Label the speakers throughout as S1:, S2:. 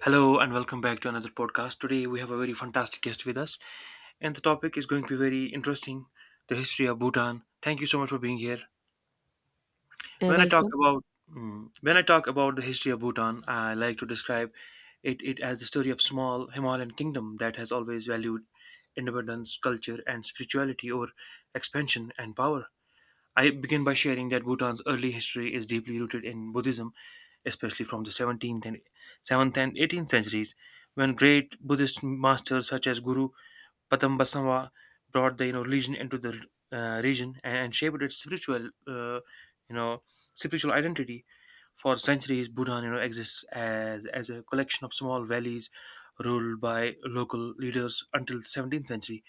S1: Hello and welcome back to another podcast. Today we have a very fantastic guest with us, and the topic is going to be very interesting: the history of Bhutan. Thank you so much for being here.
S2: Uh,
S1: When I talk
S2: welcome.
S1: about the history of Bhutan, I like to describe it as the story of small Himalayan kingdom that has always valued independence, culture, and spirituality over expansion and power. I begin by sharing that Bhutan's early history is deeply rooted in Buddhism, especially from the 17th and 18th centuries, when great Buddhist masters such as Guru Padambasava brought the religion into the region and shaped its spiritual you know spiritual identity. For centuries, Bhutan, exists as a collection of small valleys ruled by local leaders until the 17th century,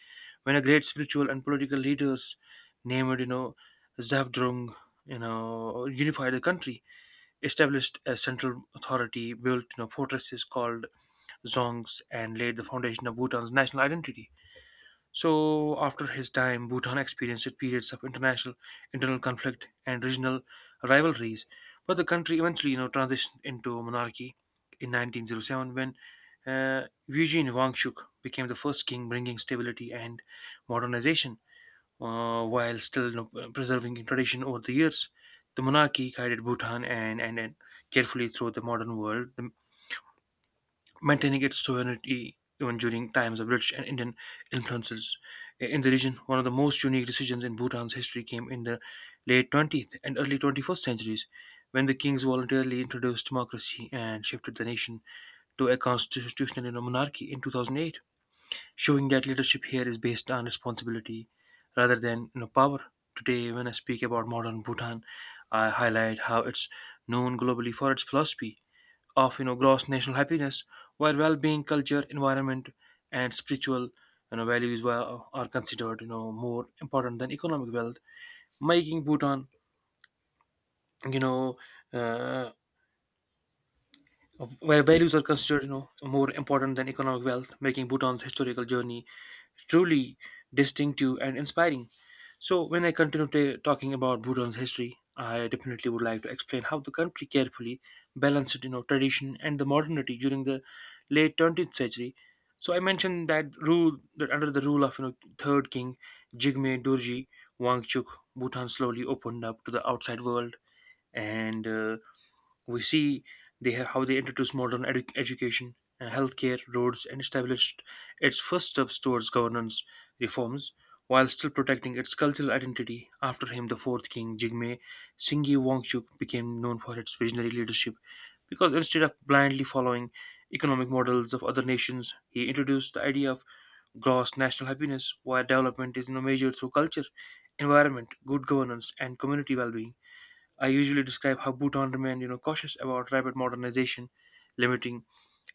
S1: when a great spiritual and political leaders named, Zabdrung, unified the country, established a central authority, built, fortresses called zongs, and laid the foundation of Bhutan's national identity. So after his time, Bhutan experienced periods of international internal conflict and regional rivalries, but the country eventually, transitioned into monarchy in 1907 when Eugene Wangchuk became the first king, bringing stability and modernization while still preserving tradition over the years. The monarchy guided Bhutan and carefully through the modern world, the maintaining its sovereignty even during times of British and Indian influences in the region. One of the most unique decisions in Bhutan's history came in the late 20th and early 21st centuries when the kings voluntarily introduced democracy and shifted the nation to a constitutional monarchy in 2008, showing that leadership here is based on responsibility rather than power. Today, when I speak about modern Bhutan, I highlight how it's known globally for its philosophy of gross national happiness, while well-being, culture, environment, and spiritual values are considered more important than economic wealth, making Bhutan you know uh, where values are considered more important than economic wealth, making Bhutan's historical journey truly distinctive and inspiring. So, when I continue talking about Bhutan's history, I definitely would like to explain how the country carefully balanced, tradition and the modernity during the late 20th century. So, I mentioned that rule that under the rule of third king Jigme Dorji Wangchuk, Bhutan slowly opened up to the outside world, and we see how they introduced modern education, healthcare, roads, and established its first steps towards governance reforms while still protecting its cultural identity. After him, the fourth king, Jigme Singye Wangchuk, became known for its visionary leadership because instead of blindly following economic models of other nations, he introduced the idea of gross national happiness, where development is measured through culture, environment, good governance, and community well being. I usually describe how Bhutan remained, cautious about rapid modernization, limiting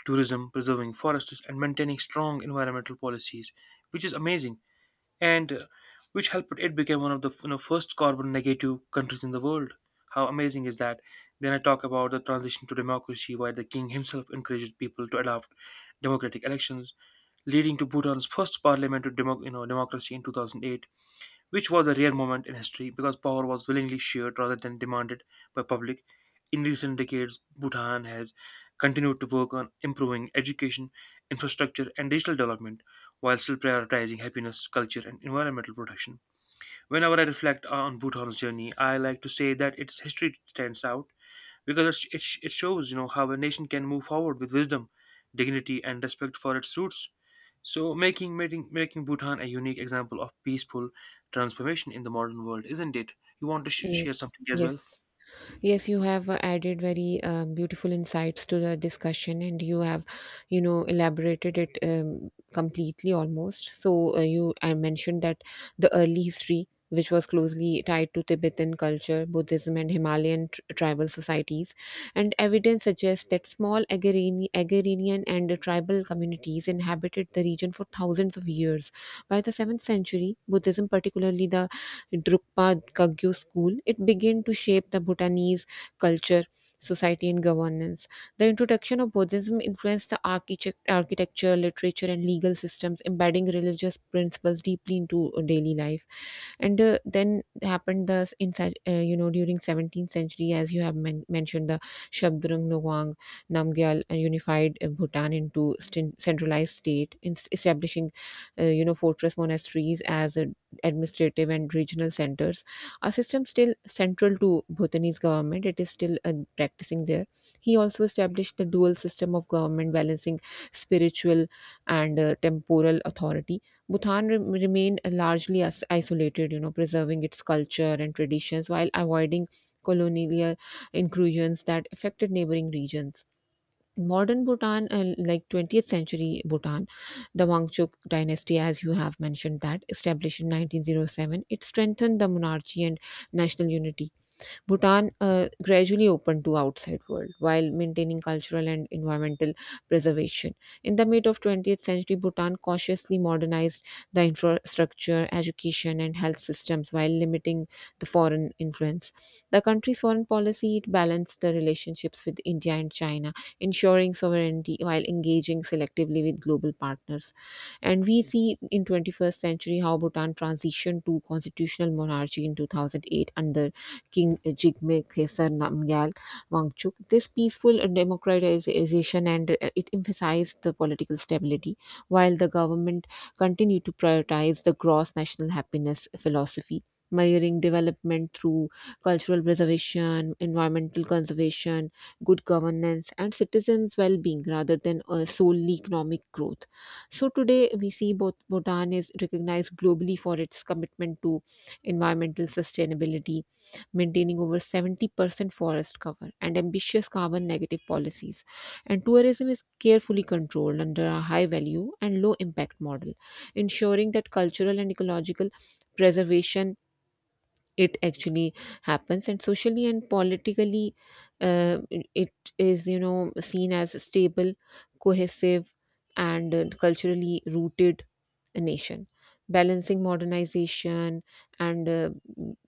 S1: tourism, preserving forests, and maintaining strong environmental policies, which is amazing, and which helped it become one of the first carbon negative countries in the world. How amazing is that? Then I talk about the transition to democracy, where the king himself encouraged people to adopt democratic elections, leading to Bhutan's first parliamentary democracy in 2008, which was a rare moment in history because power was willingly shared rather than demanded by public. In recent decades, Bhutan has continued to work on improving education, infrastructure, and digital development while still prioritizing happiness, culture, and environmental protection. Whenever I reflect on Bhutan's journey, I like to say that its history stands out because it shows how a nation can move forward with wisdom, dignity and respect for its roots, so making Bhutan a unique example of peaceful transformation in the modern world, isn't it? You want to
S2: Yes,
S1: share something as well?
S2: yes, yes. You have added very beautiful insights to the discussion, and you have elaborated it completely almost. I mentioned that the early history, which was closely tied to Tibetan culture, Buddhism, and Himalayan tribal societies, and evidence suggests that small agrarian and tribal communities inhabited the region for thousands of years. By the seventh century, Buddhism, particularly the Drukpa Kagyo school, it began to shape the Bhutanese culture, society, and governance. The introduction of Buddhism influenced the architecture, literature, and legal systems, embedding religious principles deeply into daily life, and then happened the in during 17th century as you have mentioned, the Shabdrung Nawang Namgyal unified Bhutan into centralized state, establishing fortress monasteries as administrative and regional centers, a system still central to Bhutanese government. It is still practicing there. He also established the dual system of government, balancing spiritual and temporal authority. Bhutan remained largely isolated, you know, preserving its culture and traditions while avoiding colonial incursions that affected neighboring regions. Modern Bhutan, like 20th century Bhutan, the Wangchuk dynasty, as you have mentioned, that established in 1907, it strengthened the monarchy and national unity. Bhutan gradually opened to outside world while maintaining cultural and environmental preservation. In the mid of 20th century, Bhutan cautiously modernized the infrastructure, education, and health systems while limiting the foreign influence. The country's foreign policy, it balanced the relationships with India and China, ensuring sovereignty while engaging selectively with global partners. And we see in 21st century how Bhutan transitioned to constitutional monarchy in 2008 under King Jigme Khesar Namgyal Wangchuk. This peaceful democratization, and it emphasized the political stability, while the government continued to prioritize the gross national happiness philosophy, measuring development through cultural preservation, environmental conservation, good governance, and citizens' well being rather than solely economic growth. So, today we see both Bhutan is recognized globally for its commitment to environmental sustainability, maintaining over 70% forest cover, and ambitious carbon negative policies. And tourism is carefully controlled under a high value and low impact model, ensuring that cultural and ecological preservation it actually happens, and socially and politically uh, it is, you know, seen as stable, cohesive, and culturally rooted nation balancing modernization and, uh,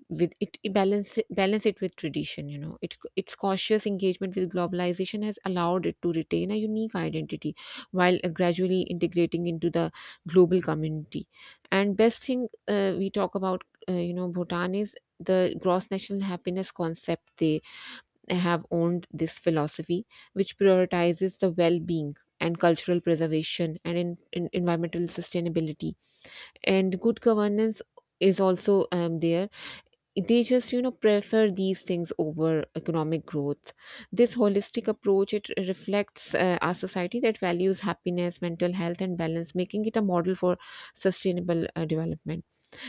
S2: with it, it balance balance it with tradition. You know, it, its cautious engagement with globalization has allowed it to retain a unique identity while gradually integrating into the global community. And best thing we talk about, you know, Bhutan is the gross national happiness concept. They have owned this philosophy which prioritizes the well-being and cultural preservation, and in environmental sustainability and good governance is also there. They just, you know, prefer these things over economic growth. This holistic approach, it reflects our society that values happiness, mental health, and balance, making it a model for sustainable development.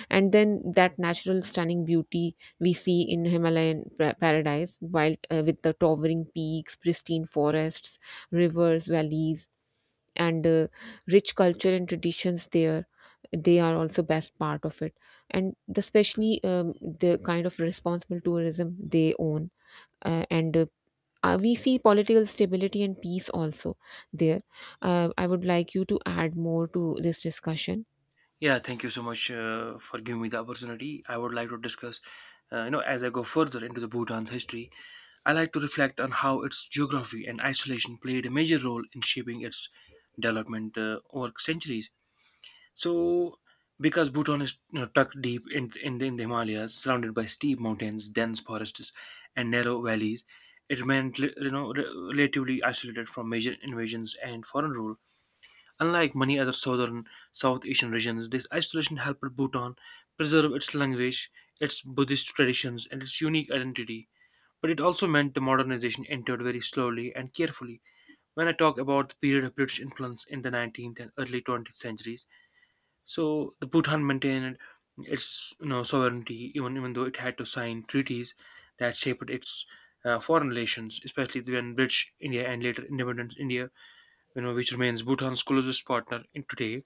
S2: And then that natural stunning beauty we see in Himalayan paradise while, with the towering peaks, pristine forests, rivers, valleys, and rich culture and traditions there, they are also best part of it. And especially the kind of responsible tourism they own, and we see political stability and peace also there. I would like you to add more to this discussion.
S1: Yeah, thank you so much for giving me the opportunity. I would like to discuss as I go further into the Bhutan's history. I like to reflect on how its geography and isolation played a major role in shaping its development over centuries. So, because Bhutan is tucked deep in the Himalayas, surrounded by steep mountains, dense forests, and narrow valleys, it remained relatively isolated from major invasions and foreign rule. Unlike many other South Asian regions, this isolation helped Bhutan preserve its language, its Buddhist traditions, and its unique identity. But it also meant the modernization entered very slowly and carefully. When I talk about the period of British influence in the 19th and early 20th centuries, so the Bhutan maintained its sovereignty even though it had to sign treaties that shaped its foreign relations, especially when British India and later independent India, which remains Bhutan's closest partner in today.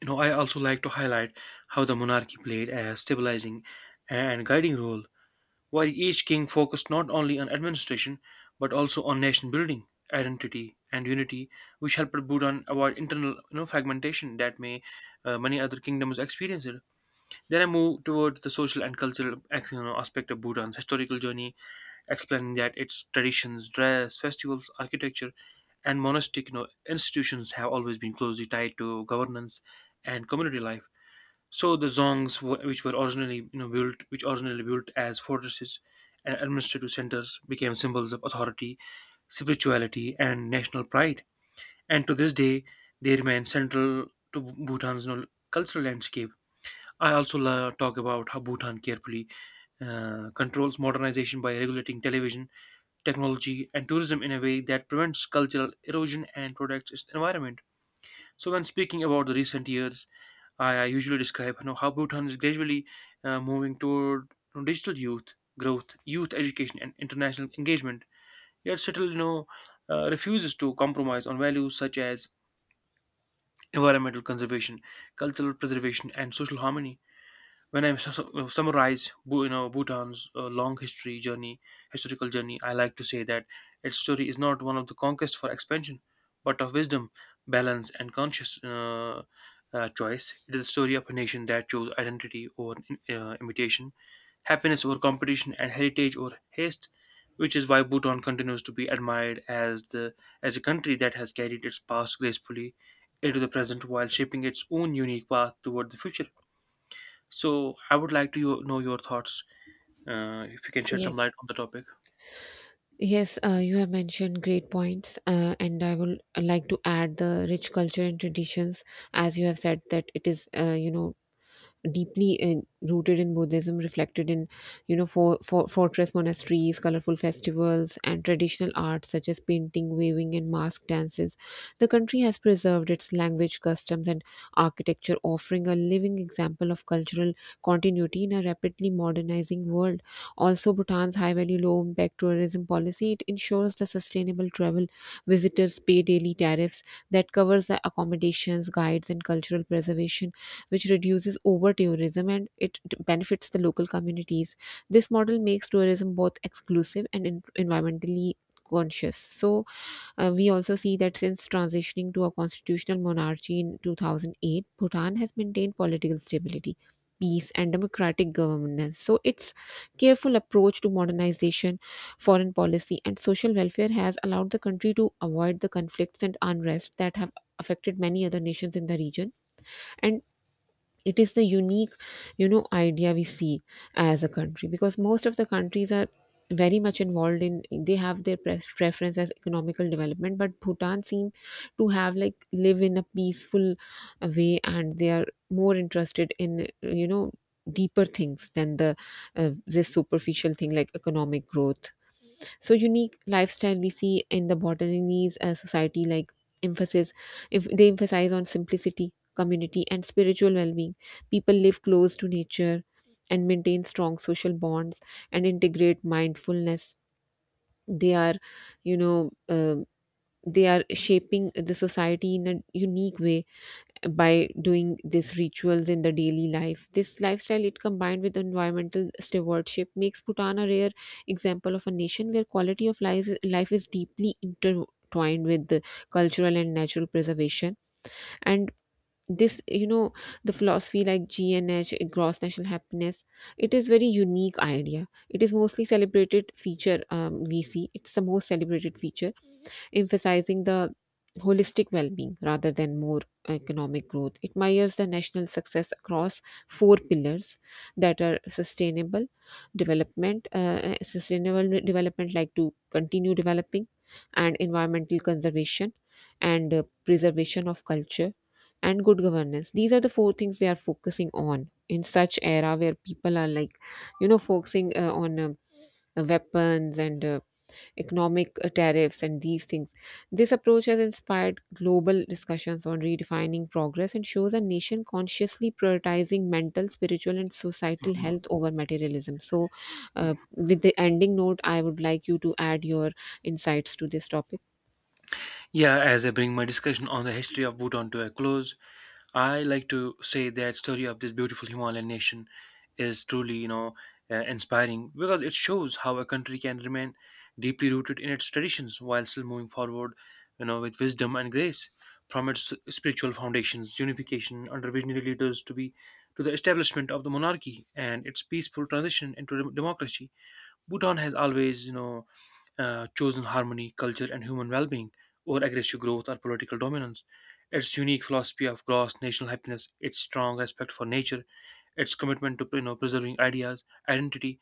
S1: You know, I also like to highlight how the monarchy played a stabilizing and guiding role while each king focused not only on administration but also on nation building, identity, and unity, which helped Bhutan avoid internal fragmentation that may many other kingdoms experienced. Then I move towards the social and cultural aspect of Bhutan's historical journey, explaining that its traditions, dress, festivals, architecture, and monastic institutions have always been closely tied to governance and community life. So the zongs, which were originally which originally built as fortresses and administrative centers, became symbols of authority, spirituality, and national pride. And to this day, they remain central to Bhutan's cultural landscape. I also talk about how Bhutan carefully controls modernization by regulating television, technology, and tourism in a way that prevents cultural erosion and protects its environment. So, when speaking about the recent years, I usually describe how Bhutan is gradually moving toward digital youth growth, youth education, and international engagement. Yet, still, refuses to compromise on values such as environmental conservation, cultural preservation, and social harmony. When I summarize, Bhutan's historical journey, I like to say that its story is not one of the conquest for expansion, but of wisdom, balance, and conscious choice. It is a story of a nation that chose identity over imitation, happiness over competition, and heritage over haste. Which is why Bhutan continues to be admired as the as a country that has carried its past gracefully into the present while shaping its own unique path toward the future. So I would like to know your thoughts. If you can shed some
S2: Yes,
S1: light on the topic.
S2: yes. You have mentioned great points, and I will like to add the rich culture and traditions, as you have said that it is, you know, deeply rooted in Buddhism, reflected in, you know, for fortress monasteries, colorful festivals, and traditional arts such as painting, weaving, and mask dances. The country has preserved its language, customs, and architecture, offering a living example of cultural continuity in a rapidly modernizing world. Also, Bhutan's high-value, low-impact tourism policy, it ensures the sustainable travel. Visitors pay daily tariffs that covers the accommodations, guides, and cultural preservation, which reduces over tourism and it benefits the local communities. This model makes tourism both exclusive and environmentally conscious. So we also see that since transitioning to a constitutional monarchy in 2008, Bhutan has maintained political stability, peace, and democratic governance. So, its careful approach to modernization, foreign policy, and social welfare has allowed the country to avoid the conflicts and unrest that have affected many other nations in the region, and it is the unique, you know, idea we see as a country because most of the countries are very much involved in, they have their preference as economical development, but Bhutan seem to have like live in a peaceful way, and they are more interested in, you know, deeper things than the, this superficial thing like economic growth. So unique lifestyle we see in the Bhutanese society, like emphasis, if they emphasize on simplicity, community, and spiritual well-being. People live close to nature and maintain strong social bonds and integrate mindfulness. They are, you know, um they are shaping the society in a unique way by doing these rituals in the daily life. This lifestyle, it combined with environmental stewardship, makes Bhutan a rare example of a nation where quality of life is deeply intertwined with the cultural and natural preservation. And this, you know, the philosophy like GNH, gross national happiness, it is very unique idea. It is mostly celebrated feature, we see. It's the most celebrated feature, emphasizing the holistic well-being rather than more economic growth. It measures the national success across four pillars that are development, uh, sustainable development like to continue developing, and environmental conservation, and preservation of culture, and good governance. These are the four things they are focusing on in such era where people are like, you know, focusing on, weapons and economic tariffs, and these things. This approach has inspired global discussions on redefining progress and shows a nation consciously prioritizing mental, spiritual, and societal
S1: Mhm.
S2: health over materialism. So, with the ending note, I would like you to add your insights to this topic.
S1: Yeah, as I bring my discussion on the history of Bhutan to a close, I like to say that story of this beautiful Himalayan nation is truly, inspiring because it shows how a country can remain deeply rooted in its traditions while still moving forward, with wisdom and grace. From its spiritual foundations, unification under visionary leaders to the establishment of the monarchy and its peaceful transition into democracy, Bhutan has always, chosen harmony, culture, and human well-being over aggressive growth or political dominance. Its unique philosophy of gross national happiness, its strong respect for nature, its commitment to preserving ideas, identity,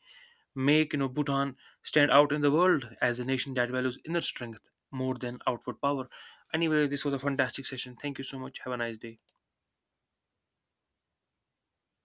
S1: make Bhutan stand out in the world as a nation that values inner strength more than outward power. Anyway, this was a fantastic session. Thank you so much. Have a nice day.